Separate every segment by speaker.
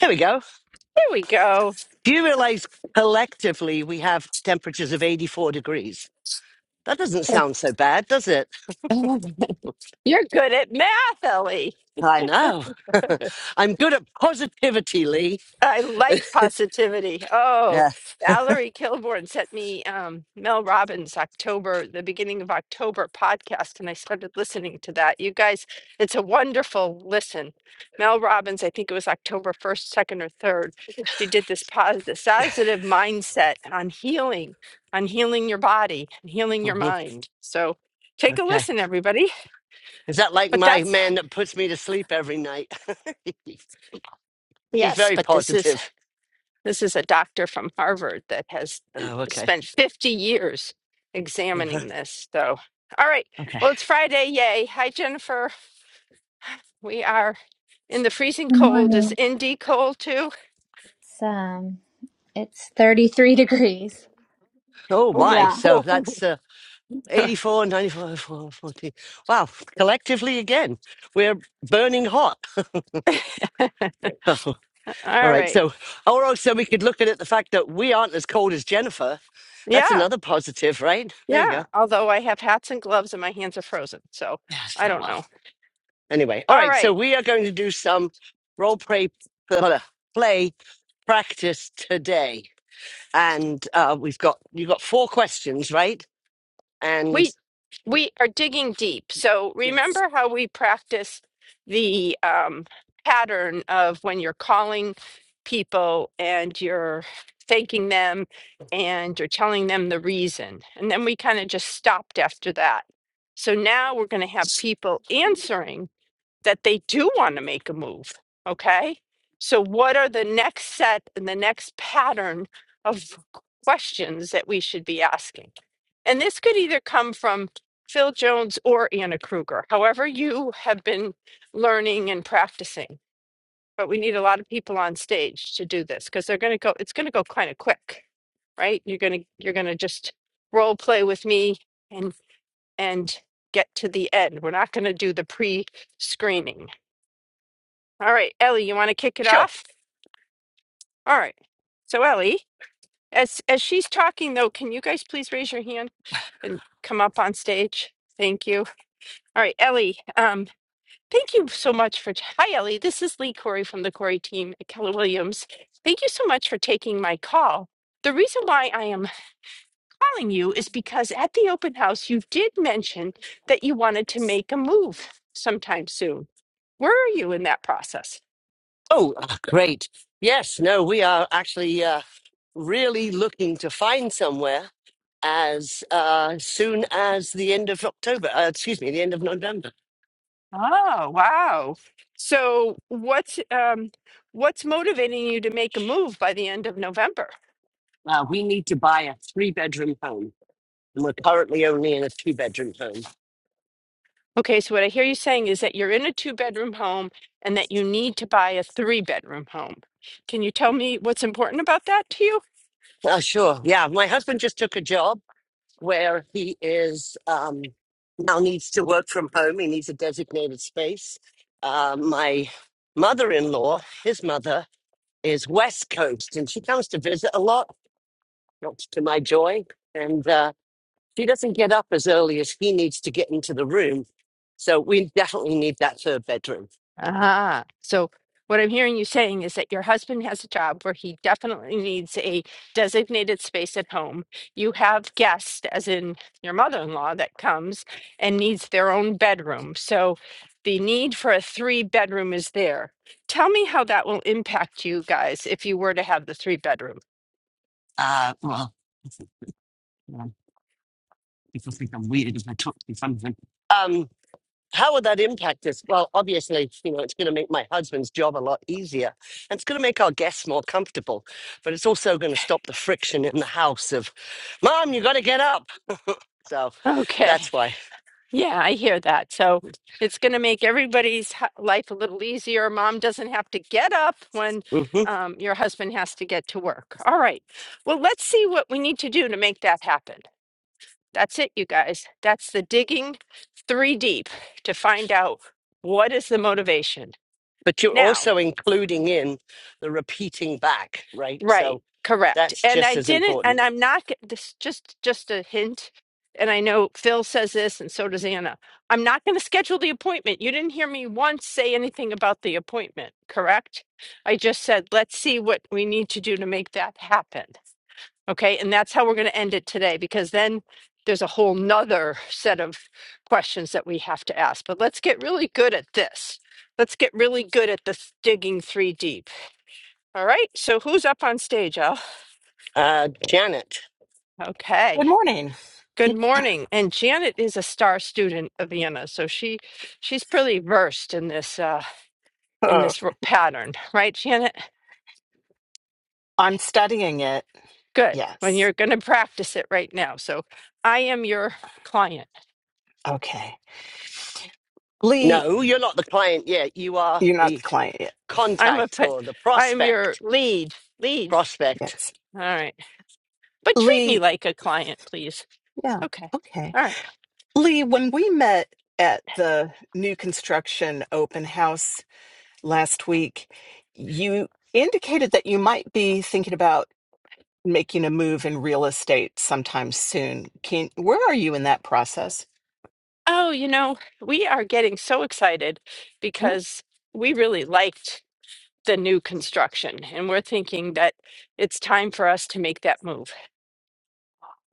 Speaker 1: There we go.
Speaker 2: There we go.
Speaker 1: Do you realize collectively we have temperatures of 84 degrees? That doesn't sound so bad, does it?
Speaker 2: You're good at math, Ellie.
Speaker 1: I know. I'm good at positivity, Lee.
Speaker 2: I like positivity. Oh,
Speaker 1: Yes.
Speaker 2: Valerie Kilborn sent me um, Mel Robbins' October, the beginning of October podcast, and I started listening to that. You guys, it's a wonderful listen. Mel Robbins, I think it was October 1st, 2nd, or 3rd, she did this positive, positive mindset on healing, on healing your body, and healing your
Speaker 1: Mhm.
Speaker 2: mind. So take a
Speaker 1: Okay.
Speaker 2: listen, everybody.
Speaker 1: Is that like
Speaker 2: But
Speaker 1: my
Speaker 2: that's,
Speaker 1: man that puts me to sleep every night? He's
Speaker 2: yes,
Speaker 1: very
Speaker 2: but this is
Speaker 1: positive.
Speaker 2: This is a doctor from Harvard that has uh,
Speaker 1: Oh, okay.
Speaker 2: spent 50 years
Speaker 1: Uh-huh.
Speaker 2: examining this. So, all right.
Speaker 1: Okay.
Speaker 2: Well, it's Friday. Yay. Hi, Jennifer. We are in the freezing
Speaker 3: Good
Speaker 2: cold. Is
Speaker 3: morning.
Speaker 2: Indy cold too?
Speaker 3: It's um it's 33 degrees.
Speaker 1: Oh,
Speaker 2: all
Speaker 1: my.
Speaker 3: Yeah.
Speaker 1: So that's uh, 84, 94, 14. Wow. Collectively, again, we're burning hot. All right.
Speaker 2: right.
Speaker 1: So, or also we could look at it the fact that we aren't as cold as Jennifer. That's
Speaker 2: Yeah.
Speaker 1: another positive, right? There you
Speaker 2: Yeah.
Speaker 1: go.
Speaker 2: Although I have hats and gloves and my hands are frozen. So
Speaker 1: Yes,
Speaker 2: I
Speaker 1: so
Speaker 2: don't
Speaker 1: well.
Speaker 2: know.
Speaker 1: Anyway, all
Speaker 2: All
Speaker 1: right. So
Speaker 2: right.
Speaker 1: we are going to do some role play play practice today, and uh, we've got you've got four questions, right? And
Speaker 2: We we are digging deep. So
Speaker 1: Yes.
Speaker 2: remember how we practice the um, pattern of when you're calling people and you're thanking them and you're telling them the reason. And then we kind of just stopped after that. So now we're going to have people answering that they do want to make a move. Okay. So, what are the next set and the next pattern of questions that we should be asking? And this could either come from Phil Jones or Anna Kruger, however, you have been learning and practicing. But we need a lot of people on stage to do this because they're going to go, it's going to go kind of quick, right? You're going to, you're going to just role play with me and, and get to the end. We're not going to do the pre screening. All right, Ellie, you want to kick it
Speaker 1: sure.
Speaker 2: off? All right. So Ellie, as as she's talking though, can you guys please raise your hand and come up on stage? Thank you. All right, Ellie, um, thank you so much for Hi Ellie, this is Lee Corey from the Corey team at Keller Williams. Thank you so much for taking my call. The reason why I am calling you is because at the open house you did mention that you wanted to make a move sometime soon. Where are you in that process?
Speaker 1: Oh, ah, great. Yes. No, we are actually. Uh, really looking to find somewhere as uh, soon as the end of October, uh, excuse me, the end of November.
Speaker 2: Oh, wow. So what's um what's motivating you to make a move by the end of November?
Speaker 1: Uh, we need to buy a three bedroom home, and we're currently only in a two bedroom home.
Speaker 2: Okay, so what I hear you saying is that you're in a two-bedroom home and that you need to buy a three-bedroom home. Can you tell me what's important about that to you?
Speaker 1: Uh, sure. Yeah. My husband just took a job where he is um, now needs to work from home. He needs a designated space. Uh, my mother in law, his mother, is West Coast, and she comes to visit a lot, not to my joy. And uh, She doesn't get up as early as he needs to get into the room. So we definitely need that third bedroom.
Speaker 2: Ah, so what I'm hearing you saying is that your husband has a job where he definitely needs a designated space at home. You have guests, as in your mother-in-law, that comes and needs their own bedroom. So the need for a three-bedroom is there. Tell me how that will impact you guys if you were to have the three-bedroom.
Speaker 1: Uh, well, yeah, people think I'm weird if I talk to something. Um, how would that impact us? Well, obviously, you know, it's going to make my husband's job a lot easier and it's going to make our guests more comfortable, but it's also going to stop the friction in the house of, Mom, you got to get up. So
Speaker 2: Okay.
Speaker 1: that's why.
Speaker 2: Yeah, I hear that. So it's going to make everybody's h- life a little easier. Mom doesn't have to get up when
Speaker 1: hmm
Speaker 2: um, your husband has to get to work. All right. Well, let's see what we need to do to make that happen. That's it, you guys. That's the digging three deep to find out what is the motivation.
Speaker 1: But you're
Speaker 2: Now,
Speaker 1: also including in the repeating back, right?
Speaker 2: Right,
Speaker 1: So
Speaker 2: correct.
Speaker 1: that's
Speaker 2: And I
Speaker 1: just as
Speaker 2: didn't,
Speaker 1: important.
Speaker 2: and I'm not, g- this just just a hint. And I know Phil says this, and so does Anna. I'm not going to schedule the appointment. You didn't hear me once say anything about the appointment, correct? I just said, let's see what we need to do to make that happen. Okay, and that's how we're going to end it today, because then there's a whole nother set of questions that we have to ask. But let's get really good at this. Let's get really good at the digging three deep. All right, so who's up on stage, Al?
Speaker 1: Uh, Janet.
Speaker 2: Okay.
Speaker 4: Good morning.
Speaker 2: Good morning. And Janet is a star student of Vienna, so she she's pretty versed in this uh in
Speaker 4: Oh,
Speaker 2: this r- pattern, right, Janet?
Speaker 4: I'm studying it.
Speaker 2: Good. When
Speaker 4: Yes.
Speaker 2: you're going to practice it right now. So I am your client.
Speaker 4: Okay. Lee,
Speaker 1: No, you're not the client yet. You are
Speaker 4: you're not the
Speaker 1: the
Speaker 4: client yet.
Speaker 2: I'm a
Speaker 1: contact
Speaker 2: pa-
Speaker 1: or the
Speaker 2: I am your
Speaker 1: prospect.
Speaker 2: lead. Lead.
Speaker 1: Prospect.
Speaker 4: Yes.
Speaker 2: All right. But treat me
Speaker 4: Lee,
Speaker 2: like a client, please.
Speaker 4: yeah.
Speaker 2: Okay.
Speaker 4: Okay.
Speaker 2: All right.
Speaker 4: Lee, when we met at the new construction open house last week, you indicated that you might be thinking about making a move in real estate sometime soon. Can where are you in that process?
Speaker 2: Oh, you know, we are getting so excited because we really liked the new construction. And we're thinking that it's time for us to make that move.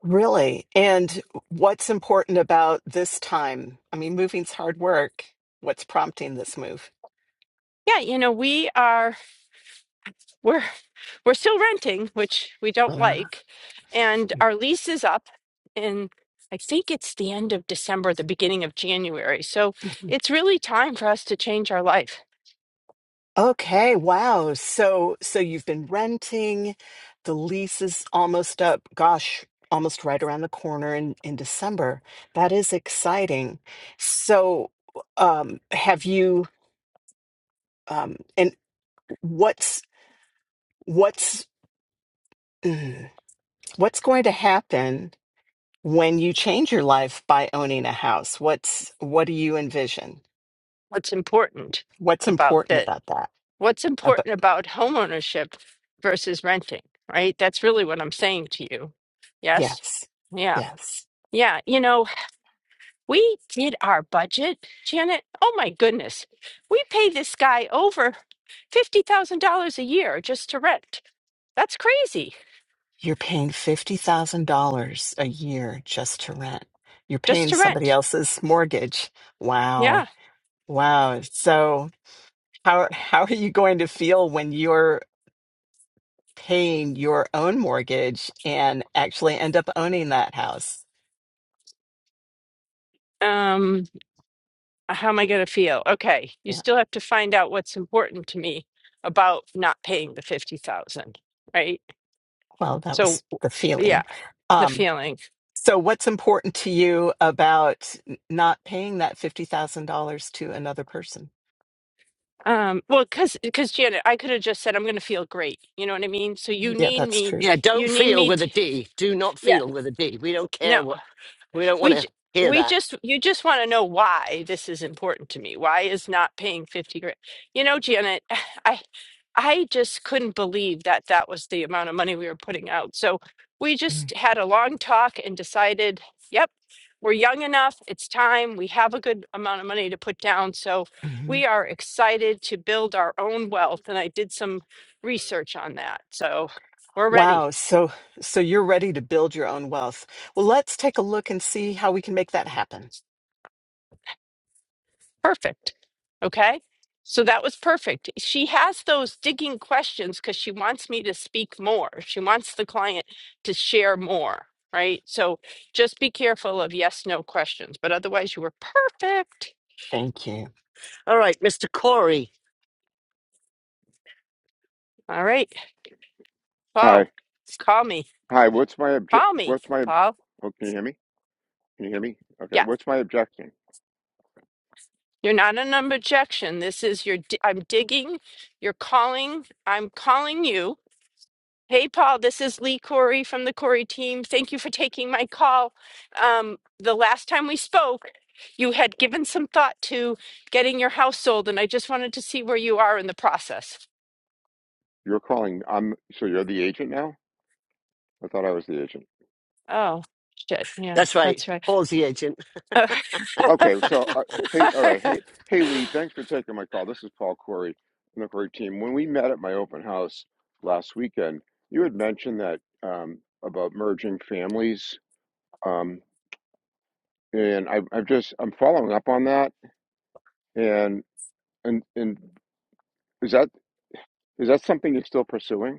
Speaker 4: Really? And what's important about this time? I mean, moving's hard work. What's prompting this move?
Speaker 2: Yeah, you know, we are we're we're still renting, which we don't
Speaker 4: Uh,
Speaker 2: like, and our lease is up in I think it's the end of December, the beginning of January. So it's really time for us to change our life.
Speaker 4: Okay, wow. So so you've been renting, the lease is almost up, gosh, almost right around the corner in in December. That is exciting. So um have you um and what's what's mm, what's going to happen? when you change your life by owning a house what's what do you envision
Speaker 2: What's important
Speaker 4: what's
Speaker 2: about
Speaker 4: important
Speaker 2: the
Speaker 4: about that
Speaker 2: what's
Speaker 4: about,
Speaker 2: important about homeownership versus renting, right? That's really what I'm saying to you. Yes?
Speaker 4: yes
Speaker 2: Yeah.
Speaker 4: yes
Speaker 2: Yeah. You know, We did our budget, Janet. Oh my goodness. We pay this guy over $50,000 a year just to rent. That's crazy.
Speaker 4: you're paying $50000 a year just to rent you're
Speaker 2: Just
Speaker 4: paying
Speaker 2: to
Speaker 4: somebody
Speaker 2: rent.
Speaker 4: else's mortgage wow
Speaker 2: Yeah.
Speaker 4: wow so how how are you going to feel when you're paying your own mortgage and actually end up owning that house
Speaker 2: Um how am I going to feel? Okay. You
Speaker 4: yeah
Speaker 2: still have to find out what's important to me about not paying the 50,000, right?
Speaker 4: well that
Speaker 2: So
Speaker 4: was the
Speaker 2: yeah,
Speaker 4: feeling
Speaker 2: the
Speaker 4: Um,
Speaker 2: feeling.
Speaker 4: So, what's important to you about n- not paying that $50,000 to another person?
Speaker 2: Um well cuz cuz Janet, I could have just said I'm going to feel great. You know what I mean? So you
Speaker 4: Yeah,
Speaker 2: need
Speaker 4: that's
Speaker 2: me
Speaker 4: true.
Speaker 1: Yeah,
Speaker 2: you
Speaker 1: don't
Speaker 2: need
Speaker 1: feel
Speaker 2: me
Speaker 1: with a
Speaker 2: to
Speaker 1: D. Do not
Speaker 2: yeah.
Speaker 1: feel with a D. We don't care
Speaker 2: No.
Speaker 1: what, we don't want
Speaker 2: we
Speaker 1: to
Speaker 2: j-
Speaker 1: hear
Speaker 2: we
Speaker 1: that.
Speaker 2: just you just want to know why this is important to me why is not paying 50 grand you know janet i i just couldn't believe that that was the amount of money we were putting out so we just had a long talk and decided yep we're young enough it's time we have a good amount of money to put down so
Speaker 4: Mm-hmm.
Speaker 2: we are excited to build our own wealth and i did some research on that so we're ready
Speaker 4: Wow. So, so you're ready to build your own wealth. Well, let's take a look and see how we can make that happen.
Speaker 2: Perfect. Okay. So that was perfect. She has those digging questions because she wants me to speak more. She wants the client to share more, right? So just be careful of yes, no questions. But otherwise, you were perfect.
Speaker 4: Thank you.
Speaker 1: All right, Mr. Corey.
Speaker 2: All right.
Speaker 5: Hi.
Speaker 2: Paul, call me.
Speaker 5: Hi, what's my object
Speaker 2: Call me,
Speaker 5: what's my obj
Speaker 2: Paul.
Speaker 5: oh, can you hear me? Can you hear me? Okay,
Speaker 2: Yeah.
Speaker 5: what's my objection?
Speaker 2: You're not an objection. This is your, di- I'm digging. You're calling. I'm calling you Hey, Paul, this is Lee Corey from the Corey team. Thank you for taking my call. Um, the last time we spoke, you had given some thought to getting your house sold, and I just wanted to see where you are in the process.
Speaker 5: You're calling I'm so you're the agent now? I thought I was the agent.
Speaker 2: Oh, shit. Yeah,
Speaker 1: That's right.
Speaker 2: that's right.
Speaker 1: Paul's the agent.
Speaker 5: Okay, so uh, hey, all right. Hey, hey Lee, thanks for taking my call. This is Paul Corey from the Corey team. When we met at my open house last weekend, you had mentioned that um about merging families um and I I've just I'm following up on that and and and is that is that something you're still pursuing?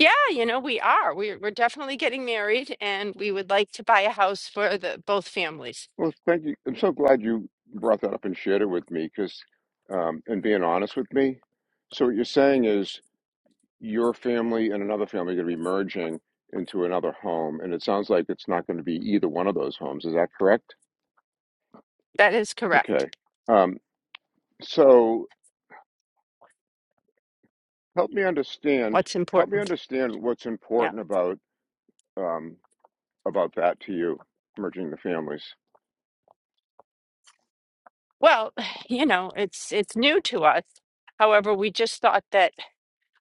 Speaker 2: Yeah, you know, we are. We're, we're definitely getting married, and we would like to buy a house for the both families.
Speaker 5: Well, thank you. I'm so glad you brought that up and shared it with me because, um, and being honest with me. So, what you're saying is your family and another family are going to be merging into another home. And it sounds like it's not going to be either one of those homes. Is that correct?
Speaker 2: That is
Speaker 5: Okay.
Speaker 2: correct.
Speaker 5: Um, so, help me understand.
Speaker 2: What's
Speaker 5: Help me
Speaker 2: important?
Speaker 5: understand what's
Speaker 2: Yeah.
Speaker 5: important about um, about that to you, merging the families.
Speaker 2: Well, you know, it's it's new to us. However, we just thought that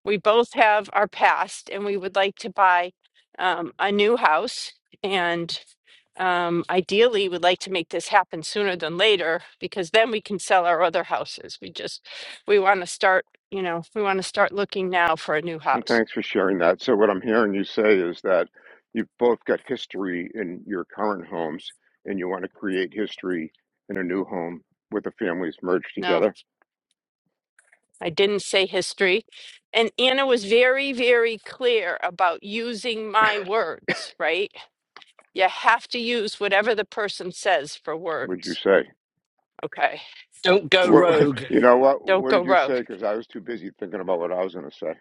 Speaker 2: we both have our past and we would like to buy um, a new house and um, ideally would like to make this happen sooner than later because then we can sell our other houses. We just we want to start, you know, we want to start looking now for a new
Speaker 5: Well,
Speaker 2: house.
Speaker 5: thanks for sharing that. So, what I'm hearing you say is that you've both got history in your current homes and you want to create history in a new home with the families merged
Speaker 2: No,
Speaker 5: together.
Speaker 2: I didn't say history. And Anna was very, very clear about using my words, right? You have to use whatever the person says for
Speaker 5: Would you
Speaker 2: words.
Speaker 5: say?
Speaker 2: Okay.
Speaker 1: Don't go
Speaker 5: What,
Speaker 1: rogue.
Speaker 5: you know what?
Speaker 2: Don't
Speaker 5: What
Speaker 2: go
Speaker 5: did you
Speaker 2: rogue.
Speaker 5: say? Because I was too busy thinking about what I was going to say.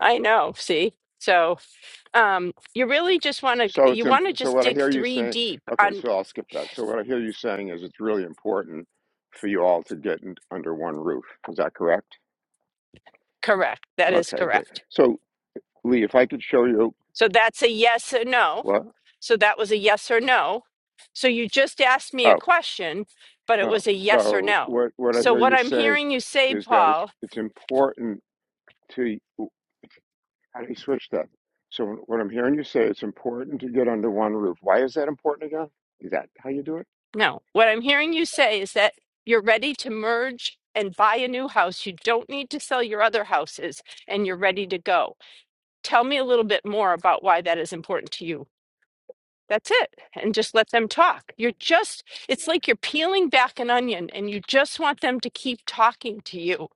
Speaker 2: I know. See? So um, you really just want to,
Speaker 5: So it's
Speaker 2: you want to
Speaker 5: imp- so
Speaker 2: just
Speaker 5: what I
Speaker 2: dig
Speaker 5: hear you
Speaker 2: three
Speaker 5: saying.
Speaker 2: deep
Speaker 5: Okay,
Speaker 2: on
Speaker 5: so I'll skip that. So what I hear you saying is it's really important for you all to get in, under one roof. Is that correct?
Speaker 2: correct. That is
Speaker 5: Okay, great.
Speaker 2: correct.
Speaker 5: So Lee, if I could show you
Speaker 2: So that's a yes or no.
Speaker 5: what?
Speaker 2: So that was a yes or no. So you just asked me a
Speaker 5: Oh,
Speaker 2: question, but it
Speaker 5: Oh,
Speaker 2: was a yes or
Speaker 5: so
Speaker 2: no.
Speaker 5: what what I
Speaker 2: So
Speaker 5: hear
Speaker 2: what
Speaker 5: you
Speaker 2: I'm
Speaker 5: say
Speaker 2: hearing you say,
Speaker 5: is that it's
Speaker 2: Paul,
Speaker 5: it's important to how do you switch that? So what I'm hearing you say, it's important to get under one roof. Why is that important again? Is that how you do it?
Speaker 2: No, what I'm hearing you say is that you're ready to merge and buy a new house. You don't need to sell your other houses and you're ready to go. Tell me a little bit more about why that is important to you. That's it. And just let them talk. You're just, it's like you're peeling back an onion and you just want them to keep talking to you.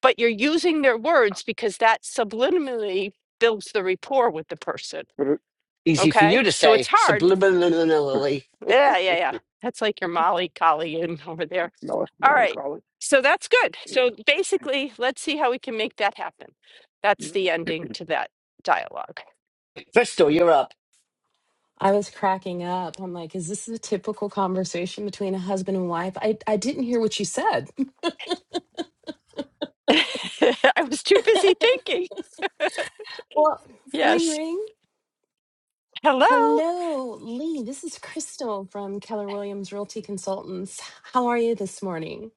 Speaker 2: But you're using their words because that subliminally builds the rapport with the person.
Speaker 5: But it,
Speaker 1: Easy for
Speaker 2: Okay.
Speaker 1: you to
Speaker 2: So it's
Speaker 1: say
Speaker 2: hard.
Speaker 1: subliminally.
Speaker 2: Yeah. Yeah. Yeah. That's like your Molly collie in over there
Speaker 5: mel-
Speaker 2: All right.
Speaker 5: melancholy.
Speaker 2: So that's good. So basically, let's see how we can make that happen. That's the ending to that dialogue.
Speaker 1: Bristol, you're up.
Speaker 6: I was cracking up. I'm like, is this a typical conversation between a husband and wife? I, I didn't hear what you said.
Speaker 2: I was too busy thinking.
Speaker 6: Well, ring,
Speaker 2: Yes.
Speaker 6: ring.
Speaker 2: Hello.
Speaker 6: Hello, Lee. This is Crystal from Keller Williams Realty Consultants. How are you this morning?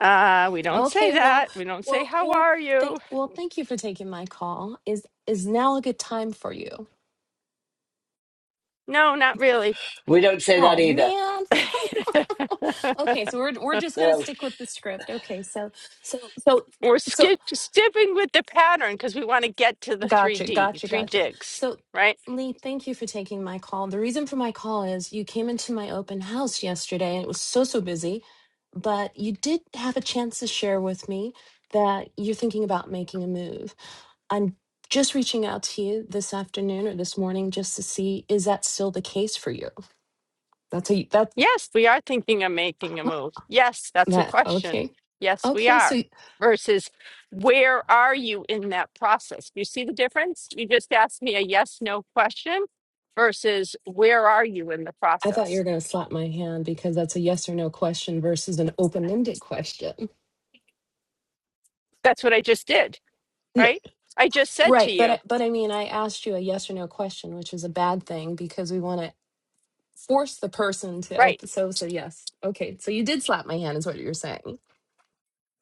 Speaker 2: Uh, we don't say
Speaker 6: Okay, well,
Speaker 2: that. We don't say,
Speaker 6: well,
Speaker 2: How
Speaker 6: well,
Speaker 2: are
Speaker 6: thank
Speaker 2: you?
Speaker 6: well, thank you for taking my call. Is is now a good time for you?
Speaker 2: No, not really.
Speaker 1: We don't say that
Speaker 6: Oh
Speaker 1: either.
Speaker 6: man. okay, so we're we're just gonna
Speaker 1: No.
Speaker 6: stick with the script. Okay, so so so
Speaker 2: We're
Speaker 6: so
Speaker 2: skip- skipping with the pattern because we want to get to the
Speaker 6: Gotcha,
Speaker 2: 3D,
Speaker 6: gotcha,
Speaker 2: three
Speaker 6: gotcha.
Speaker 2: digs,
Speaker 6: So,
Speaker 2: right?
Speaker 6: Lee, thank you for taking my call. The reason for my call is you came into my open house yesterday and it was so, so busy, but you did have a chance to share with me that you're thinking about making a move. I'm just reaching out to you this afternoon or this morning just to see is that still the case for you? That's a that
Speaker 2: Yes, we are thinking of making a move. Yes, that's a
Speaker 6: that
Speaker 2: question.
Speaker 6: okay.
Speaker 2: Yes, we
Speaker 6: Okay, so
Speaker 2: are.
Speaker 6: y-
Speaker 2: Versus, where are you in that process? You see the difference? You just asked me a yes no question versus, where are you in the
Speaker 6: I thought you
Speaker 2: process?
Speaker 6: were going to slap my hand because that's a yes or no question versus an open-ended question.
Speaker 2: That's what I just did,
Speaker 6: No.
Speaker 2: right? I just said to
Speaker 6: Right, but
Speaker 2: you,
Speaker 6: I- but I mean, I asked you a yes or no question, which is a bad thing because we want to force the person to
Speaker 2: right?
Speaker 6: open. So so yes, okay. So you did slap my hand, is what you're saying.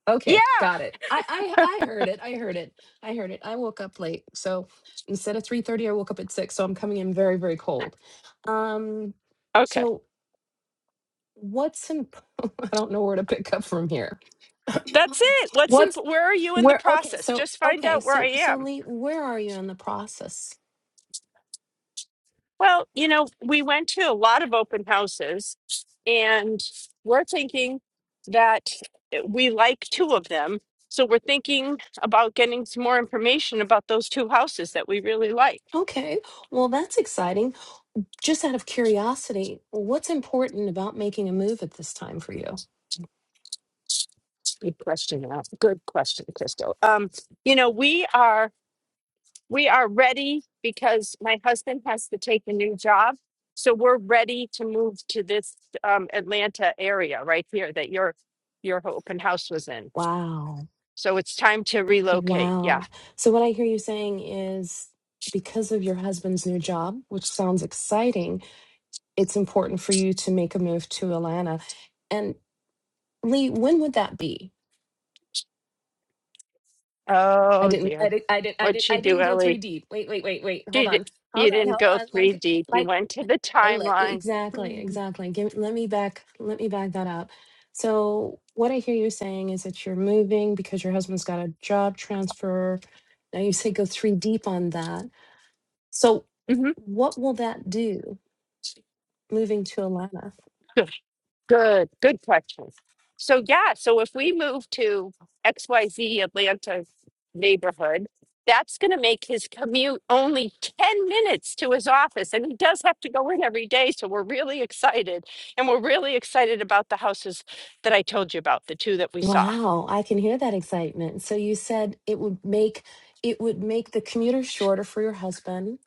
Speaker 6: Okay,
Speaker 2: Yeah.
Speaker 6: got it. I I I heard it. I heard it. I heard it. I woke up late, so instead of three thirty, I woke up at six. So I'm coming in very very cold. Um,
Speaker 2: Okay.
Speaker 6: so what's imp- I don't know where to pick up from here.
Speaker 2: That's it. What's in,
Speaker 6: What's
Speaker 2: where are you in the
Speaker 6: where? Okay,
Speaker 2: process?
Speaker 6: so
Speaker 2: Just find
Speaker 6: okay,
Speaker 2: out where I
Speaker 6: so so
Speaker 2: am.
Speaker 6: Lee, where are you in the process?
Speaker 2: Well, you know, we went to a lot of open houses, and we're thinking that we like two of them. So we're thinking about getting some more information about those two houses that we really like.
Speaker 6: Okay, well, that's exciting. Just out of curiosity, what's important about making a move at this time for you?
Speaker 2: Good question. Al. Good question, Crystal. Um, you know, we are we are ready because my husband has to take a new job. So we're ready to move to this um, Atlanta area right here that your your open house was in.
Speaker 6: Wow.
Speaker 2: So it's time to relocate. Yeah.
Speaker 6: Wow. So, what I hear you saying is because of your husband's new job, which sounds exciting, it's important for you to make a move to Atlanta. And Lee, when would that be? I
Speaker 2: Oh
Speaker 6: didn't,
Speaker 2: dear.
Speaker 6: I didn't, I didn't, I
Speaker 2: What'd
Speaker 6: didn't,
Speaker 2: she
Speaker 6: I
Speaker 2: do,
Speaker 6: didn't go three
Speaker 2: Ellie?
Speaker 6: deep. Wait, wait, wait, wait. Hold
Speaker 2: She d-
Speaker 6: on.
Speaker 2: you
Speaker 6: Hold on.
Speaker 2: didn't
Speaker 6: Hold
Speaker 2: go
Speaker 6: on.
Speaker 2: three
Speaker 6: Like,
Speaker 2: deep. You
Speaker 6: like.
Speaker 2: went to the
Speaker 6: Uh, le- e,
Speaker 2: timeline.
Speaker 6: Exactly,
Speaker 2: Mm-hmm.
Speaker 6: exactly. Give, let me back, let me back that up. So what I hear you saying is that you're moving because your husband's got a job transfer. Now you say go three deep on that. So what will that do moving to Atlanta?
Speaker 2: Good. Good. Good question. So yeah. So if we move to XYZ Atlanta neighborhood, that's going to make his commute only 10 minutes to his office. And he does have to go in every day. So we're really excited. And we're really excited about the houses that I told you about, the two that we saw.
Speaker 6: Wow, I can hear that excitement. So you said it would make it would make the commuter shorter for your husband.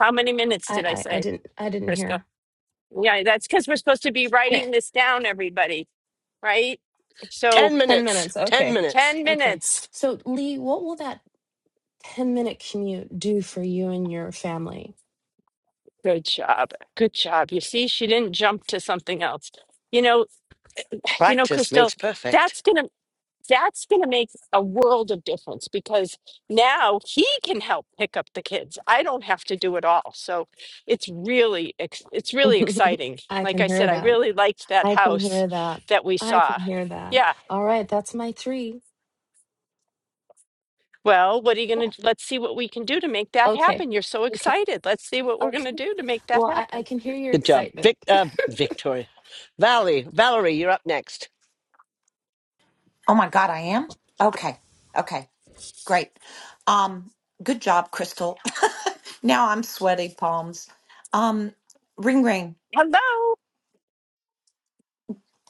Speaker 2: How many minutes did I
Speaker 6: I I,
Speaker 2: say?
Speaker 6: I didn't I didn't
Speaker 2: Crisco.
Speaker 6: hear.
Speaker 2: Yeah, that's because we're supposed to be
Speaker 6: Eh,
Speaker 2: writing this down, everybody, right? So
Speaker 1: 10
Speaker 6: Ten
Speaker 1: minutes.
Speaker 6: minutes.
Speaker 1: 10
Speaker 6: Okay.
Speaker 1: minutes.
Speaker 2: 10
Speaker 6: Okay.
Speaker 2: minutes.
Speaker 6: So Lee, what will that 10 minute commute do for you and your family?
Speaker 2: Good job. Good job. You see, she didn't jump to something else. You know, you know,
Speaker 1: Practice
Speaker 2: Crystal,
Speaker 1: makes perfect.
Speaker 2: that's gonna that's gonna make a world of difference because now he can help pick up the kids. I don't have to do it all. So it's really ex- it's really exciting.
Speaker 6: I
Speaker 2: Like
Speaker 6: can
Speaker 2: I
Speaker 6: hear
Speaker 2: said, I
Speaker 6: that.
Speaker 2: really liked that
Speaker 6: I can
Speaker 2: house
Speaker 6: hear that.
Speaker 2: that we
Speaker 6: I can
Speaker 2: saw.
Speaker 6: hear that.
Speaker 2: Yeah.
Speaker 6: All right, that's my three.
Speaker 2: Well, what are you
Speaker 6: Yeah,
Speaker 2: going to let's see what we can do to make that
Speaker 6: Okay.
Speaker 2: happen. You're so
Speaker 6: Okay.
Speaker 2: excited. Let's see what we're going to
Speaker 6: Okay.
Speaker 2: do to make that
Speaker 6: Well, I, I
Speaker 2: happen.
Speaker 6: can hear your
Speaker 1: Good job.
Speaker 6: excitement.
Speaker 1: Vic, uh, Victoria. Valerie, Valerie, you're up next.
Speaker 7: Oh my God, I am? Okay. Okay. Great. Um, good job, Crystal. now I'm sweaty palms. Um, ring ring.
Speaker 2: Hello.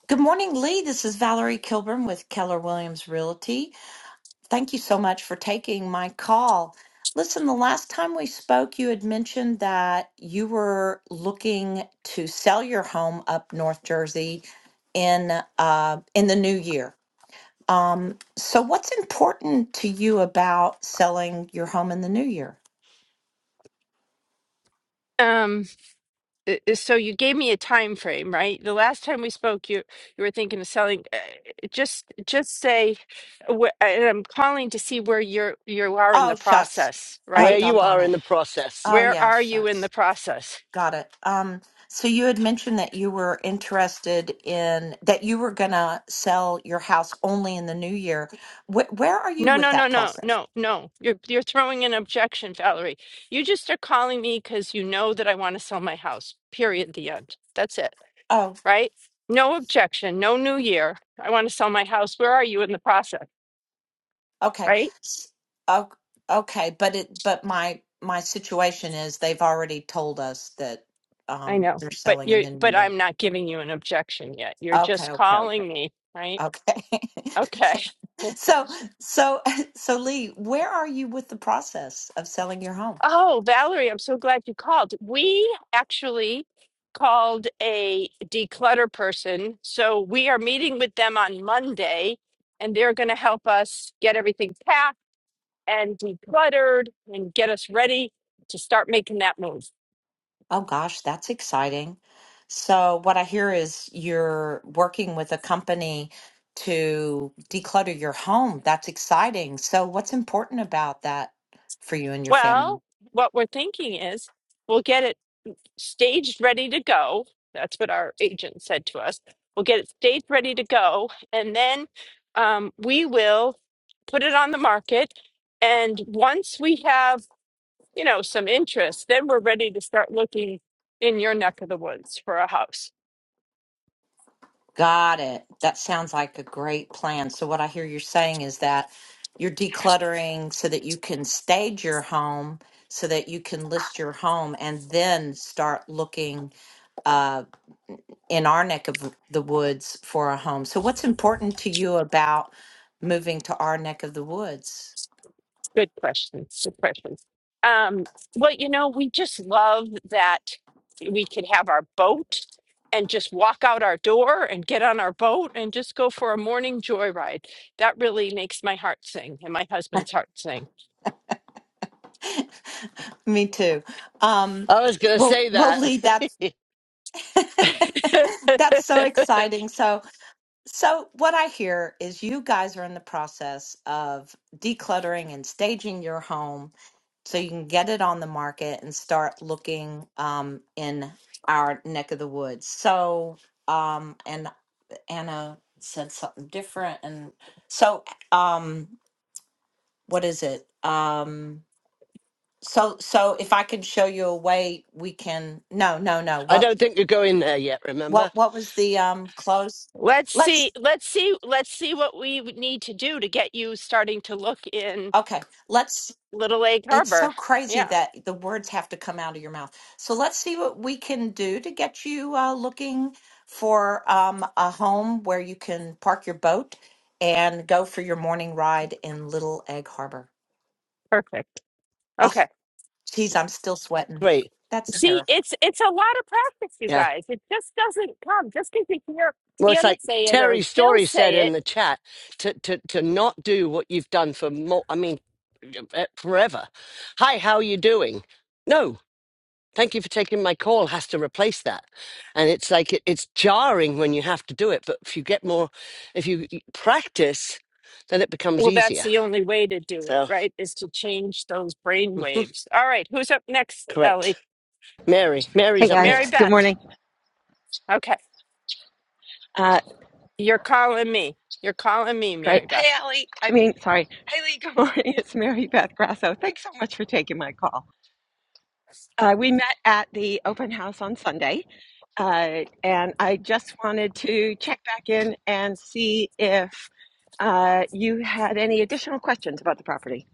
Speaker 7: Good morning, Lee. This is Valerie Kilburn with Keller Williams Realty. Thank you so much for taking my call. Listen, the last time we spoke, you had mentioned that you were looking to sell your home up North Jersey in uh, in the new year. Um, so what's important to you about selling your home in the new year?
Speaker 2: Um i- i- so you gave me a time frame, right? The last time we spoke you you were thinking of selling uh, just just say wh- and I'm calling to see where you're you are in the
Speaker 7: Oh, shucks.
Speaker 2: process,
Speaker 7: Oh,
Speaker 1: Where
Speaker 2: right?
Speaker 1: you are
Speaker 7: doggone
Speaker 1: in
Speaker 7: it.
Speaker 1: the process.
Speaker 7: Oh,
Speaker 2: Where
Speaker 7: yeah,
Speaker 2: are you in the
Speaker 7: shucks.
Speaker 2: process?
Speaker 7: Got it. Um, so you had mentioned that you were interested in that you were gonna sell your house only in the new year. Wh- where are you
Speaker 2: No, no,
Speaker 7: with
Speaker 2: no,
Speaker 7: that
Speaker 2: no,
Speaker 7: process?
Speaker 2: no, no. You're you're throwing an objection, Valerie. You just are calling me because you know that I want to sell my house. Period. The end. That's it.
Speaker 7: Oh,
Speaker 2: right? No objection, no new year. I want to sell my house. Where are you in the process,
Speaker 7: okay.
Speaker 2: right?
Speaker 7: S- Oh, okay. But it, but my my situation is they've already told us that
Speaker 2: I
Speaker 7: um
Speaker 2: know,
Speaker 7: they're
Speaker 2: but
Speaker 7: selling in
Speaker 2: you're,
Speaker 7: the new
Speaker 2: but
Speaker 7: year.
Speaker 2: I'm not giving you an objection yet. You're
Speaker 7: Okay,
Speaker 2: just
Speaker 7: okay, okay.
Speaker 2: calling me, right?
Speaker 7: Okay.
Speaker 2: Okay.
Speaker 7: So, so, so Lee, where are you with the process of selling your home?
Speaker 2: Oh, Valerie, I'm so glad you called. We actually called a declutter person. So we are meeting with them on Monday, and they're going to help us get everything packed and decluttered and get us ready to start making that move.
Speaker 7: Oh gosh, that's exciting. So, what I hear is you're working with a company to declutter your home. That's exciting. So, what's important about that for you and your family?
Speaker 2: Well, what we're thinking is we'll get it staged ready to go. That's what our agent said to us. We'll get it staged ready to go, and then um, we will put it on the market. And once we have, you know, some interest, then we're ready to start looking in your neck of the woods for a house.
Speaker 7: Got it. That sounds like a great plan. So, what I hear you're saying is that you're decluttering so that you can stage your home, so that you can list your home, and then start looking uh, in our neck of the woods for a home. So, what's important to you about moving to our neck of the woods?
Speaker 2: Good questions. Good questions. Um, well, you know, we just love that we could have our boat and just walk out our door and get on our boat and just go for a morning joyride. That really makes my heart sing and my husband's heart sing.
Speaker 7: Me too. Um,
Speaker 1: I was going to
Speaker 7: we'll
Speaker 1: say
Speaker 7: we'll
Speaker 1: that.
Speaker 7: leave that. That's so exciting. So. So, what I hear is you guys are in the process of decluttering and staging your home so you can get it on the market and start looking um, in our neck of the woods. So, um, and Anna said something different, and so um, what is it? Um, so, so if I can show you a way, we can. No, no, no.
Speaker 1: I
Speaker 7: What,
Speaker 1: don't think you're going there yet, remember?
Speaker 7: what, what was the um close?
Speaker 2: let's see,
Speaker 7: Let's
Speaker 2: let's see, let's see what we would need to do to get you starting to look in
Speaker 7: okay. Let's
Speaker 2: Little Lake
Speaker 7: It's
Speaker 2: Harbor.
Speaker 7: so crazy
Speaker 2: Yeah,
Speaker 7: that the words have to come out of your mouth. So let's see what we can do to get you uh, looking for um, a home where you can park your boat and go for your morning ride in Little Egg Harbor.
Speaker 2: perfect.
Speaker 7: Oh,
Speaker 2: Okay.
Speaker 7: geez, I'm still sweating.
Speaker 1: Great.
Speaker 7: That's terrible.
Speaker 2: See, it's it's a lot of practice, you
Speaker 1: Yeah.
Speaker 2: guys. It just doesn't come just because you hear
Speaker 1: Well, it's
Speaker 2: Anna
Speaker 1: like
Speaker 2: say it or
Speaker 1: Terry
Speaker 2: Phil
Speaker 1: Story said
Speaker 2: say it.
Speaker 1: in the chat to, to, to not do what you've done for more, I mean, eh, forever. Hi, how you doing? No, thank you for taking my call has to replace that and it's like it, it's jarring when you have to do it but if you get more if you practice then it becomes
Speaker 2: Well, that's
Speaker 1: easier
Speaker 2: the only way to do it,
Speaker 1: so
Speaker 2: right? Is to change those brain
Speaker 1: mhm,
Speaker 2: waves. All right, who's up next, Ellie?
Speaker 1: correct mary
Speaker 8: Hey
Speaker 1: mary's up
Speaker 8: guys,
Speaker 2: Mary
Speaker 1: next
Speaker 8: good
Speaker 2: Beth.
Speaker 8: morning.
Speaker 2: Okay,
Speaker 8: Uh,
Speaker 2: you're calling me. You're calling me,
Speaker 8: great.
Speaker 2: Mary
Speaker 8: Hey
Speaker 2: Beth.
Speaker 8: Allie, I mean, sorry. Hey Lee, good morning. It's Mary Beth Grasso. Thanks so much for taking my call. Uh, we met at the open house on Sunday, uh, and I just wanted to check back in and see if uh, you had any additional questions about the property.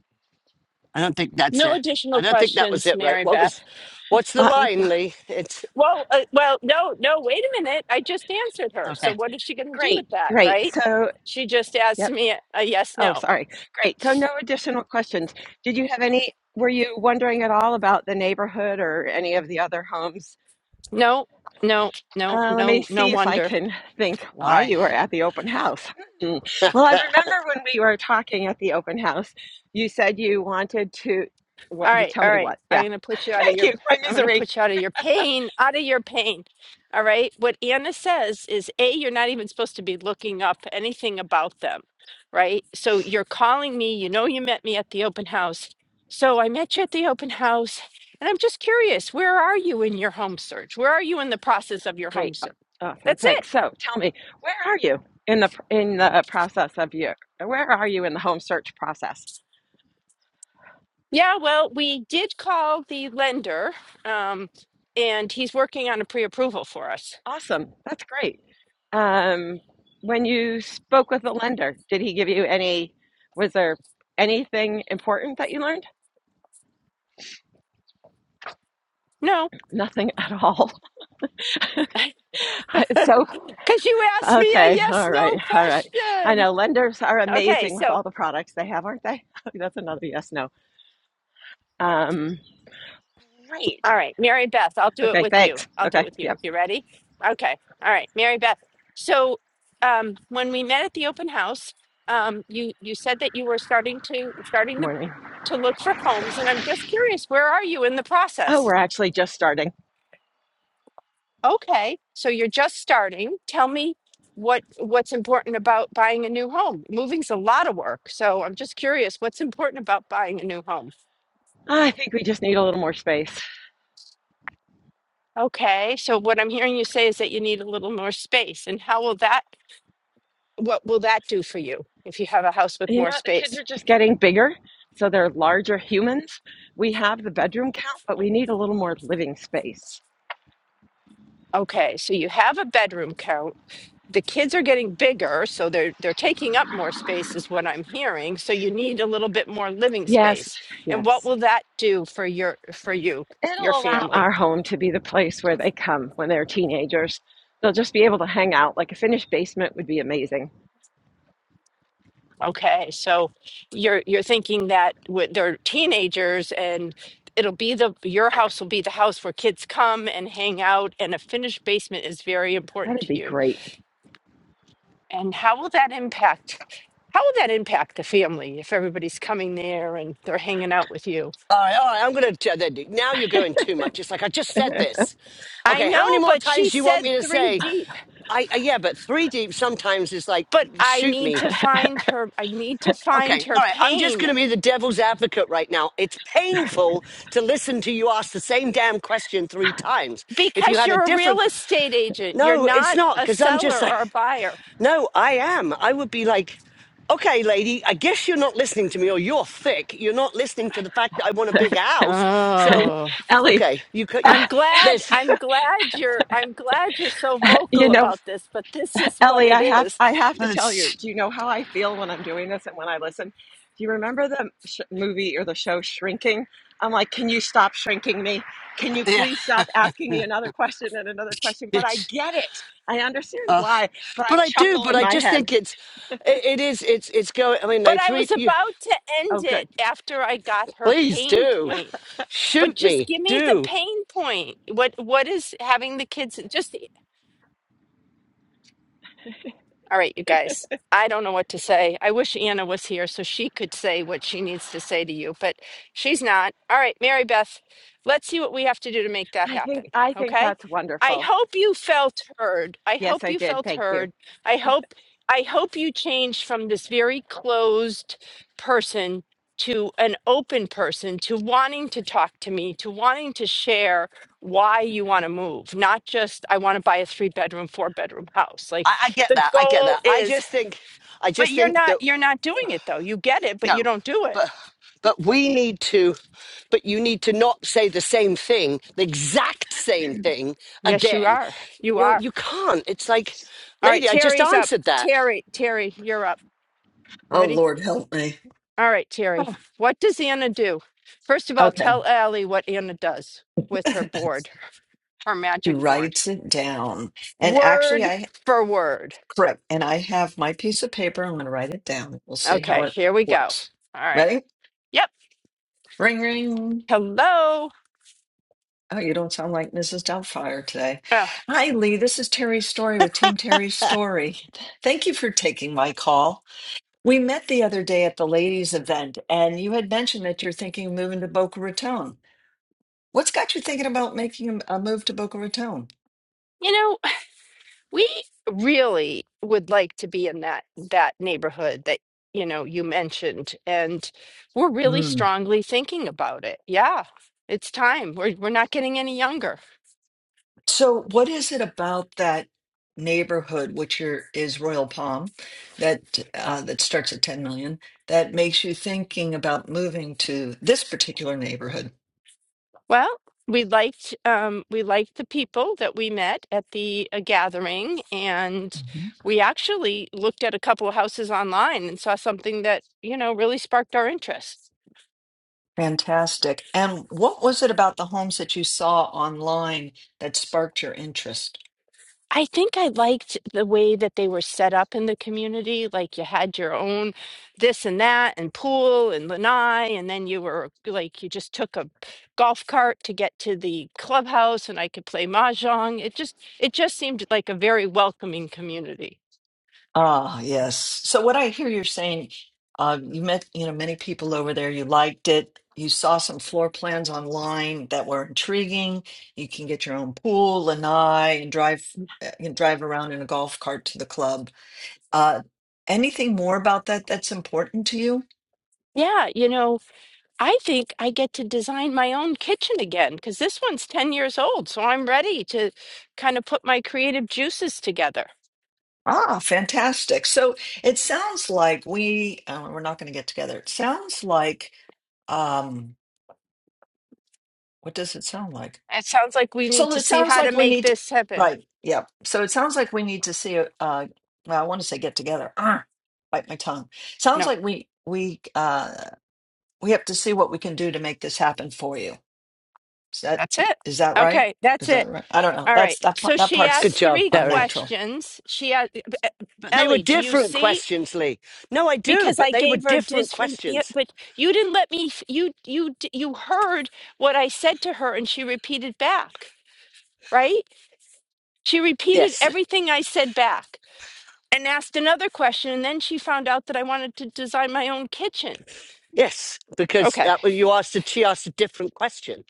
Speaker 1: i don't think that's
Speaker 2: No
Speaker 1: it i
Speaker 2: additional
Speaker 1: don't think that was
Speaker 2: questions,
Speaker 1: it right
Speaker 2: Mary
Speaker 1: what
Speaker 2: Beth.
Speaker 1: was what's the
Speaker 8: Uh,
Speaker 1: line lee it's
Speaker 2: Well, uh, well, no, no. Wait a minute. I just answered her. So
Speaker 1: okay
Speaker 2: what is she going to do
Speaker 8: great,
Speaker 2: with that,
Speaker 8: great.
Speaker 2: right?
Speaker 8: So,
Speaker 2: She just asked
Speaker 8: yep.
Speaker 2: me a, a yes,
Speaker 8: Oh,
Speaker 2: no.
Speaker 8: sorry. Great. So, no additional questions. Did you have any? Were you wondering at all about the neighborhood or any of the other homes
Speaker 2: No, no, no,
Speaker 8: Uh, let me
Speaker 2: no, no
Speaker 8: see if I
Speaker 2: wonder.
Speaker 8: can think
Speaker 1: all
Speaker 8: why
Speaker 1: right
Speaker 8: you were at the open house. Hmm.
Speaker 1: all
Speaker 8: Well, I
Speaker 1: right
Speaker 8: remember when we were talking at the open house, you said you wanted to. What?
Speaker 2: All
Speaker 8: You
Speaker 2: right,
Speaker 8: tell
Speaker 2: all
Speaker 8: me
Speaker 2: right.
Speaker 8: what?
Speaker 2: I'm
Speaker 8: Yeah.
Speaker 2: gonna put you out of
Speaker 8: Thank
Speaker 2: your
Speaker 8: you. My
Speaker 2: I'm gonna
Speaker 8: misery.
Speaker 2: put you out of your pain, out of your pain. All right. What Anna says is A, you're not even supposed to be looking up anything about them, right? So you're calling me, you know you met me at the open house. So I met you at the open house, and I'm just curious, where are you in your home search? Where are you in the process of your home
Speaker 8: Great.
Speaker 2: search?
Speaker 8: Awesome.
Speaker 2: That's it.
Speaker 8: Thanks. So, tell me, where are you in the in the process of your? Where are you in the home search process?
Speaker 2: Yeah, well, we did call the lender, um, and he's working on a pre-approval for us.
Speaker 8: Awesome. That's great. Um, when you spoke with the lender, did he give you any? Was there anything important that you learned?
Speaker 2: No,
Speaker 8: Nothing at all. So,
Speaker 2: because you asked me a
Speaker 8: okay, all
Speaker 2: yes/no
Speaker 8: right, all right. I
Speaker 2: question.
Speaker 8: know lenders are
Speaker 2: Okay,
Speaker 8: amazing with
Speaker 2: so
Speaker 8: all the products they have, aren't they? That's another yes, no. Um, great.
Speaker 2: all right, Mary Beth, I'll do it
Speaker 8: Okay,
Speaker 2: with you.
Speaker 8: thanks.
Speaker 2: I'll do it
Speaker 8: Okay,
Speaker 2: with you.
Speaker 8: yep,
Speaker 2: You ready? Okay. All right, Mary Beth. So, um, when we met at the open house, um, you you said that you were starting to starting the,
Speaker 8: morning.
Speaker 2: to look for homes, and I'm just curious, where are you in the
Speaker 8: Oh,
Speaker 2: process?
Speaker 8: we're actually just starting.
Speaker 2: Okay, so you're just starting. Tell me what what's important about buying a new home. Moving's a lot of work, so I'm just curious what's important about buying a new home.
Speaker 8: I think we just need a little more space.
Speaker 2: Okay, so what I'm hearing you say is that you need a little more space, and how will that what will that do for you if you have a house with
Speaker 8: You
Speaker 2: more
Speaker 8: know what? The kids
Speaker 2: space?
Speaker 8: are just getting bigger, so they're larger humans. We have the bedroom count, but we need a little more living space.
Speaker 2: Okay, so you have a bedroom count. the kids are getting bigger, so they're they're taking up more space is what I'm hearing. So you need a little bit more living
Speaker 8: Yes,
Speaker 2: space. And what
Speaker 8: yes.
Speaker 2: will that do for your for you, your
Speaker 8: It'll allow
Speaker 2: family?
Speaker 8: our home to be the place where they come when they're teenagers. They'll just be able to hang out. Like a finished basement would be amazing.
Speaker 2: Okay. So you're you're thinking that with they're teenagers and it'll be the your house will be the house where kids come and hang out and a finished basement is very important
Speaker 8: That'd
Speaker 2: to
Speaker 8: be
Speaker 2: you.
Speaker 8: great.
Speaker 2: And how will that impact how will that impact the family if everybody's coming there and they're hanging out with you?
Speaker 1: all right i'm gonna t- then- now you're going too much it's like i just said this
Speaker 2: I
Speaker 1: okay how
Speaker 2: know,
Speaker 1: many more
Speaker 2: but she
Speaker 1: times do you want
Speaker 2: said
Speaker 1: me to
Speaker 2: three
Speaker 1: say
Speaker 2: deep.
Speaker 1: i, I yeah but three deep sometimes is like
Speaker 2: But I
Speaker 1: shoot
Speaker 2: need
Speaker 1: me
Speaker 2: to find her. I need to find
Speaker 1: Okay,
Speaker 2: her
Speaker 1: all right. I'm just going
Speaker 2: pain
Speaker 1: to be the devil's advocate right now. It's painful to listen to you ask the same damn question three times. If you
Speaker 2: because
Speaker 1: had a
Speaker 2: you're a real
Speaker 1: different, que-
Speaker 2: estate agent. You're
Speaker 1: no, it's
Speaker 2: not
Speaker 1: not
Speaker 2: a
Speaker 1: because I'm just
Speaker 2: seller
Speaker 1: like,
Speaker 2: or a buyer.
Speaker 1: no, I am. I would be like, okay, lady, I guess you're not listening to me, or you're thick. You're not listening to the fact that I want a big house. So,
Speaker 2: Oh,
Speaker 8: Ellie,
Speaker 1: okay, you could, you,
Speaker 2: I'm glad.
Speaker 1: there's,
Speaker 2: I'm glad you're. I'm glad you're so vocal
Speaker 8: you know,
Speaker 2: about this. But this is what
Speaker 8: Ellie,
Speaker 2: it
Speaker 8: I have
Speaker 2: is.
Speaker 8: I have to tell you.
Speaker 1: it's,
Speaker 8: Do you know how I feel when I'm doing this and when I listen? Do you remember the sh- movie or the show Shrinking? I'm like, can you stop shrinking me? Can you
Speaker 1: yeah,
Speaker 8: please stop asking me another question and another question? But I
Speaker 1: it's.
Speaker 8: get it. I understand
Speaker 1: Uh,
Speaker 8: why, but I
Speaker 1: but I do,
Speaker 8: chuckle
Speaker 1: but
Speaker 8: in
Speaker 1: I
Speaker 8: my
Speaker 1: just
Speaker 8: head.
Speaker 1: think it's, it, it is, it's, it's going. I mean,
Speaker 2: But
Speaker 1: they
Speaker 2: I
Speaker 1: three,
Speaker 2: was
Speaker 1: you
Speaker 2: about to end
Speaker 8: Oh,
Speaker 2: it
Speaker 8: good.
Speaker 2: after I got her
Speaker 1: please
Speaker 2: pain
Speaker 1: do.
Speaker 2: point. But
Speaker 1: shoot
Speaker 2: just
Speaker 1: me
Speaker 2: give me the
Speaker 1: do
Speaker 2: pain point. What What is having the kids? Just. All right, you guys. I don't know what to say. I wish Anna was here so she could say what she needs to say to you, but she's not. All right, Mary Beth, let's see what we have to do to make that
Speaker 8: I
Speaker 2: happen.
Speaker 8: think I think
Speaker 2: Okay?
Speaker 8: that's
Speaker 2: I
Speaker 8: wonderful.
Speaker 2: hope you felt heard. I hope
Speaker 8: Yes, I
Speaker 2: you
Speaker 8: did.
Speaker 2: felt
Speaker 8: Thank you.
Speaker 2: heard. I hope I hope you changed from this very closed person to an open person to wanting to talk to me, to wanting to share why you want to move, not just I want to buy a three bedroom, four bedroom house. Like
Speaker 1: I, I get
Speaker 2: the
Speaker 1: that i get
Speaker 2: goal
Speaker 1: that i
Speaker 2: is
Speaker 1: just think i
Speaker 2: but
Speaker 1: just
Speaker 2: you're
Speaker 1: think
Speaker 2: not
Speaker 1: that
Speaker 2: you're not doing it though you get it but you
Speaker 1: no
Speaker 2: don't do it
Speaker 1: but but we need to but you need to not say the same thing the exact same thing
Speaker 2: yes you
Speaker 1: again
Speaker 2: are you
Speaker 1: you know
Speaker 2: are
Speaker 1: you can't it's like
Speaker 2: all right
Speaker 1: lady i just
Speaker 2: terry's up
Speaker 1: answered that
Speaker 2: terry terry you're up
Speaker 9: Oh,
Speaker 2: ready
Speaker 9: Lord, help me.
Speaker 2: all right terry
Speaker 9: Ah.
Speaker 2: what does anna do first of all
Speaker 9: Okay.
Speaker 2: tell Allie what anna does with her board her
Speaker 9: She
Speaker 2: magic board
Speaker 9: writes it down. And actually,
Speaker 2: word
Speaker 9: I
Speaker 2: for word
Speaker 9: correct. And I have my piece of paper. I'm going to write it down. We'll see how
Speaker 2: okay
Speaker 9: it
Speaker 2: here we go
Speaker 9: looks.
Speaker 2: all right
Speaker 9: Ready?
Speaker 2: yep
Speaker 9: Ring, ring.
Speaker 2: hello
Speaker 9: Oh, you don't sound like Mrs. Doubtfire today.
Speaker 2: Ugh.
Speaker 9: Hi, Lee. This is Terry's Story with Team Terry's Story. Thank you for taking my call. We met the other day at the ladies' event, and you had mentioned that you're thinking of moving to Boca Raton. What's got you thinking about making a a move to Boca Raton?
Speaker 2: You know, We really would like to be in that that neighborhood that you know you mentioned, and we're really
Speaker 9: Hmm.
Speaker 2: strongly thinking about it. Yeah, it's time. We're we're not getting any younger.
Speaker 9: So, what is it about that neighborhood, which are, is Royal Palm, that uh, that starts at 10 million, that makes you thinking about moving to this particular neighborhood?
Speaker 2: Well, we liked um, we liked the people that we met at the uh, gathering, and
Speaker 9: hmm
Speaker 2: we actually looked at a couple of houses online and saw something that you know really sparked our interest.
Speaker 9: Fantastic. And what was it about the homes that you saw online that sparked your interest?
Speaker 2: I think I liked the way that they were set up in the community. Like you had your own this and that, and pool and lanai, and then you were like you just took a golf cart to get to the clubhouse, and I could play mahjong. It just it just seemed like a very welcoming community.
Speaker 9: Ah, yes. So what I hear you're saying, uh, you met, you know, many people over there. You liked it. You saw some floor plans online that were intriguing. You can get your own pool, lanai, and drive, uh, you know, drive around in a golf cart to the club. Uh, anything more about that that's important to you?
Speaker 2: Yeah, you know, I think I get to design my own kitchen again because this one's 10 years old, so I'm ready to kind of put my creative juices together.
Speaker 9: Ah, fantastic. So it sounds like we, uh, we're not going to get together. It sounds like, um, what does it sound like?
Speaker 2: It sounds like we need
Speaker 9: So
Speaker 2: to
Speaker 9: it
Speaker 2: see
Speaker 9: sounds
Speaker 2: how to
Speaker 9: like we
Speaker 2: make
Speaker 9: need,
Speaker 2: this happen.
Speaker 9: right? Yeah. So it sounds like we need to see. a- Uh, well, I want to say get together. Ugh, bite my tongue. Sounds like we we uh we have to see what we can do to make this happen for you. Is that
Speaker 2: That's it.
Speaker 9: is that right?
Speaker 2: Okay, that's
Speaker 9: Is that
Speaker 2: it.
Speaker 9: right? I don't know.
Speaker 2: All right.
Speaker 9: That's that pa-
Speaker 2: So
Speaker 9: that
Speaker 2: she
Speaker 1: good
Speaker 9: part's
Speaker 2: asked
Speaker 1: job
Speaker 2: three
Speaker 1: terry
Speaker 9: unnatural.
Speaker 2: questions. She asked,
Speaker 1: but they were
Speaker 2: Ellie, do you
Speaker 1: different
Speaker 2: see?
Speaker 1: questions lee no i do
Speaker 2: Because I
Speaker 1: but they were
Speaker 2: gave her
Speaker 1: different
Speaker 2: disfin, yeah,
Speaker 1: questions
Speaker 2: but you didn't let me. f- You you d- you heard what I said to her, and she repeated back. Right? She repeated
Speaker 1: yes
Speaker 2: everything I said back, and asked another question, and then she found out that I wanted to design my own kitchen.
Speaker 1: yes because
Speaker 2: Okay.
Speaker 1: that when you asked a she asked a different question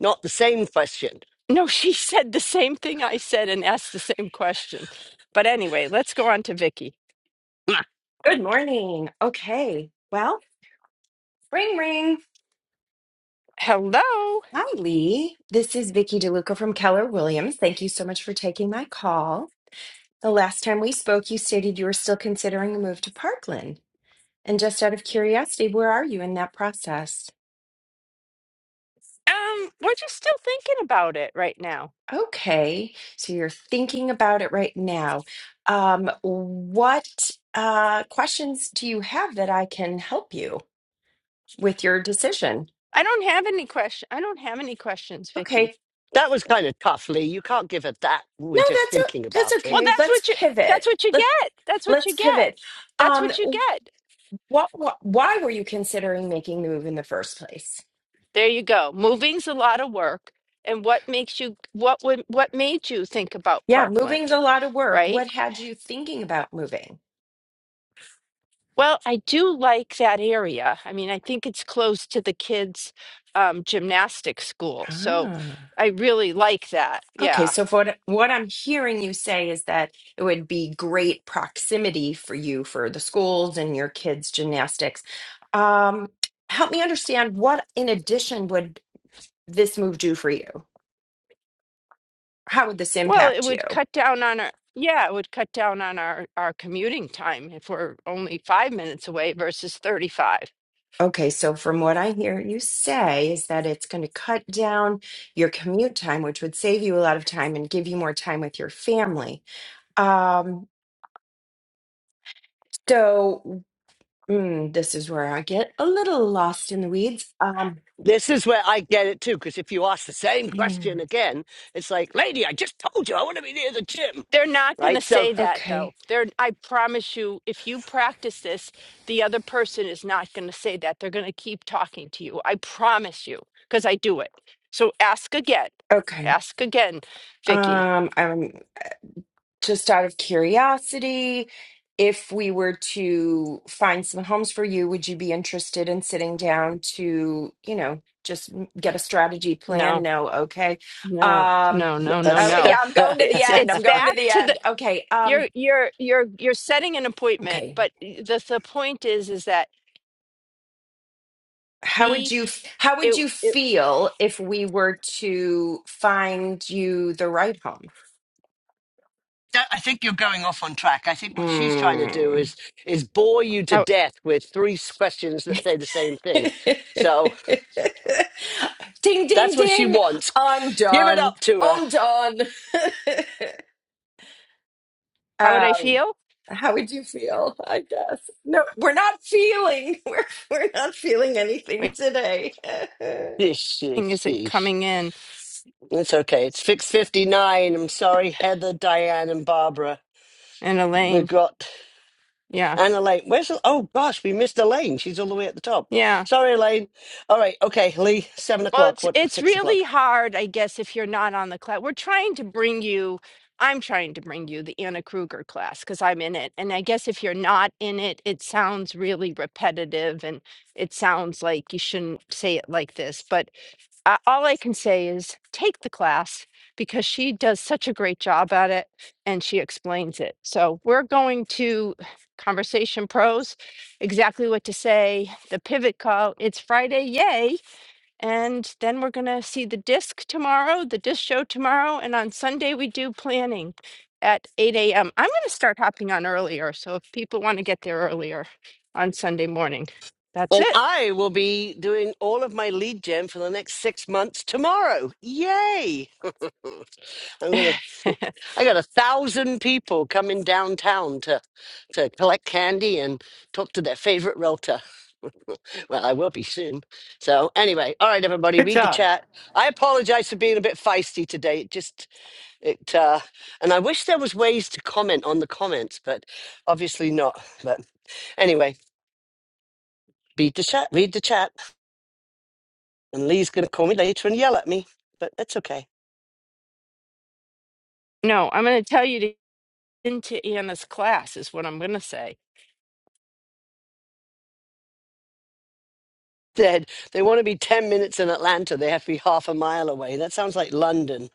Speaker 1: not the same question
Speaker 2: No, she said the same thing I said and asked the same question. But anyway, let's go on to Vicky.
Speaker 10: Good morning. Okay. Well, ring ring.
Speaker 2: Hello.
Speaker 10: Hi, Lee. This is Vicky DeLuca from Keller Williams. Thank you so much for taking my call. The last time we spoke, you stated you were still considering a move to Parkland. And just out of curiosity, where are you in that process?
Speaker 2: Um, we're just still thinking about it right now.
Speaker 10: Okay. So you're thinking about it right now. Um, what uh, questions do you have that I can help you with your decision?
Speaker 2: I don't have any question. I don't have any questions, Vicky.
Speaker 10: Okay.
Speaker 1: That was kind of tough, Lee. You can't give it that. We're
Speaker 10: No,
Speaker 1: just
Speaker 10: that's o-
Speaker 1: thinking
Speaker 10: that's
Speaker 1: about it.
Speaker 2: Well,
Speaker 10: okay.
Speaker 2: that's
Speaker 10: Let's
Speaker 2: what you. That's
Speaker 10: pivot.
Speaker 2: what you get. That's what you
Speaker 10: Let's
Speaker 2: get.
Speaker 10: pivot.
Speaker 2: That's
Speaker 10: Um,
Speaker 2: what you get.
Speaker 10: what, what, why were you considering making the move in the first place?
Speaker 2: There you go. Moving's a lot of work. And what makes you? What would? What made you think about
Speaker 10: Yeah, moving's
Speaker 2: Parkland?
Speaker 10: a lot of work.
Speaker 2: Right.
Speaker 10: What had you thinking about moving?
Speaker 2: Well, I do like that area. I mean, I think it's close to the kids' um, gymnastics school, so
Speaker 10: Ah,
Speaker 2: I really like that. Yeah.
Speaker 10: okay. So, for what, what I'm hearing you say is that it would be great proximity for you for the schools and your kids' gymnastics. Um, help me understand what, in addition, would this move do for you? How would this
Speaker 2: Well, it
Speaker 10: impact
Speaker 2: would
Speaker 10: you?
Speaker 2: cut down on our, yeah, it would cut down on our, our commuting time if we're only five minutes away versus 35.
Speaker 10: Okay, so from what I hear you say is that it's going to cut down your commute time, which would save you a lot of time and give you more time with your family. Um, so mm, this is where I get a little lost in the weeds. Um,
Speaker 1: This is where I get it too, because if you ask the same
Speaker 10: hmm,
Speaker 1: question again, it's like, lady, I just told you I want to be near the gym,
Speaker 2: They're not going to
Speaker 1: right? So
Speaker 2: say that though.
Speaker 10: okay,
Speaker 2: They're, I promise you, if you practice this, the other person is not going to say that. They're going to keep talking to you. I promise you, because I do it. So ask again.
Speaker 10: okay.
Speaker 2: Ask again, Vicky.
Speaker 10: Um, I'm just out of curiosity, if we were to find some homes for you, would you be interested in sitting down to, you know, just m- get a strategy plan?
Speaker 2: No,
Speaker 10: No, okay.
Speaker 2: no,
Speaker 10: Um,
Speaker 2: no, no, no,
Speaker 10: oh
Speaker 1: that's.
Speaker 10: yeah,
Speaker 2: no.
Speaker 10: I'm going to the
Speaker 2: It's
Speaker 10: end. I'm
Speaker 2: it's
Speaker 10: going to
Speaker 2: back
Speaker 10: the
Speaker 2: to the.
Speaker 10: end. Okay. Um,
Speaker 2: You're you're you're you're setting an appointment,
Speaker 10: okay.
Speaker 2: but the the point is is that
Speaker 10: How would
Speaker 2: be
Speaker 10: you f- how would
Speaker 2: it,
Speaker 10: you
Speaker 2: it
Speaker 10: feel if we were to find you the right home?
Speaker 1: That- I think you're going off on track. I think what she's trying to do
Speaker 10: Hmm.
Speaker 1: is is bore you to
Speaker 2: how
Speaker 1: death with three s- questions that say the same thing. So
Speaker 10: ding, ding,
Speaker 1: that's what she
Speaker 10: ding.
Speaker 1: wants.
Speaker 10: I'm
Speaker 1: Give it
Speaker 10: done.
Speaker 1: up to her.
Speaker 10: I'm done.
Speaker 2: how would I
Speaker 10: um,
Speaker 2: feel?
Speaker 10: how would you feel? I guess. No, we're not feeling. We're, we're not feeling anything
Speaker 2: Waiting
Speaker 10: today.
Speaker 1: Yeesh, yeesh,
Speaker 2: isn't
Speaker 1: yeesh.
Speaker 2: coming in
Speaker 1: It's okay. It's fix fifty nine. I'm sorry, Heather, Diane, and Barbara.
Speaker 2: in a
Speaker 1: We've
Speaker 2: lane.
Speaker 1: got
Speaker 2: Yeah,
Speaker 1: Anna Lane. Where's oh gosh, we missed Elaine. She's all the way at the top.
Speaker 2: yeah.
Speaker 1: Sorry, Elaine. All right, okay, Lee. Seven
Speaker 2: Well,
Speaker 1: o'clock.
Speaker 2: it's
Speaker 1: What?
Speaker 2: it's
Speaker 1: Six
Speaker 2: really
Speaker 1: o'clock.
Speaker 2: hard, I guess, if you're not on the class. We're trying to bring you. I'm trying to bring you the Anna Kruger class because I'm in it, and I guess if you're not in it, it sounds really repetitive, and it sounds like you shouldn't say it like this, but I, all I can say is take the class because she does such a great job at it and she explains it. So we're going to Conversation Pros, exactly what to say, the pivot call. It's Friday, yay. And then we're going to see the disc tomorrow, the disc show tomorrow. And on Sunday, we do planning at 8 a.m. I'm going to start hopping on earlier. So if people want to get there earlier on Sunday morning, that's
Speaker 1: And
Speaker 2: it.
Speaker 1: I will be doing all of my lead gen for the next six months tomorrow. Yay! I'm gonna. I got a thousand people coming downtown to to collect candy and talk to their favorite realtor. well, I will be soon. So anyway, all right, everybody,
Speaker 4: Good
Speaker 1: read the
Speaker 4: job.
Speaker 1: chat. I apologize for being a bit feisty today. It just It uh, and I wish there was ways to comment on the comments, but obviously not. But anyway, read the chat, read the chat, and Lee's going to call me later and yell at me, but that's okay.
Speaker 2: No, I'm going to tell you to into Anna's class is what I'm going to say.
Speaker 1: Dead. They want to be ten minutes in Atlanta. They have to be half a mile away. That sounds like London.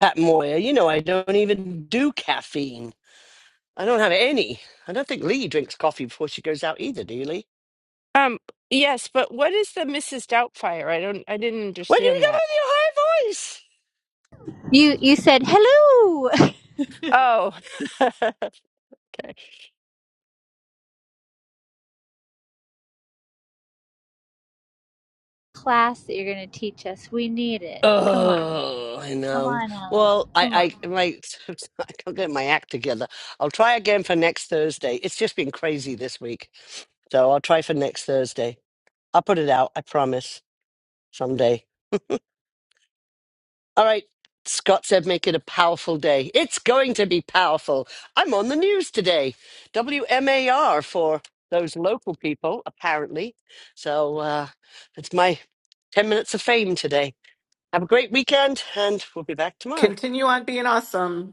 Speaker 1: Pat Moyer, you know I don't even do caffeine. I don't have any. I don't think Lee drinks coffee before she goes out either. Do you, Lee?
Speaker 2: Um yes, but what is the Mrs. Doubtfire? I don't I didn't
Speaker 1: Where do you
Speaker 2: understand
Speaker 1: come
Speaker 2: that.
Speaker 1: with your high voice?
Speaker 3: You you said hello
Speaker 2: Oh. okay.
Speaker 3: class that you're going to teach us. We need it. Come on.
Speaker 1: Oh, I
Speaker 3: Come
Speaker 1: know.
Speaker 3: on, Ellie.
Speaker 1: Well,
Speaker 3: Come
Speaker 1: I,
Speaker 3: on.
Speaker 1: I, my, I can't get my act together. I'll try again for next Thursday. It's just been crazy this week, so I'll try for next Thursday. I'll put it out. I promise. Someday. All right. Scott said, "Make it a powerful day." It's going to be powerful. I'm on the news today. WMAR for those local people, apparently. So uh, that's my ten minutes of fame today. Have a great weekend, and we'll be back tomorrow.
Speaker 4: Continue on being on.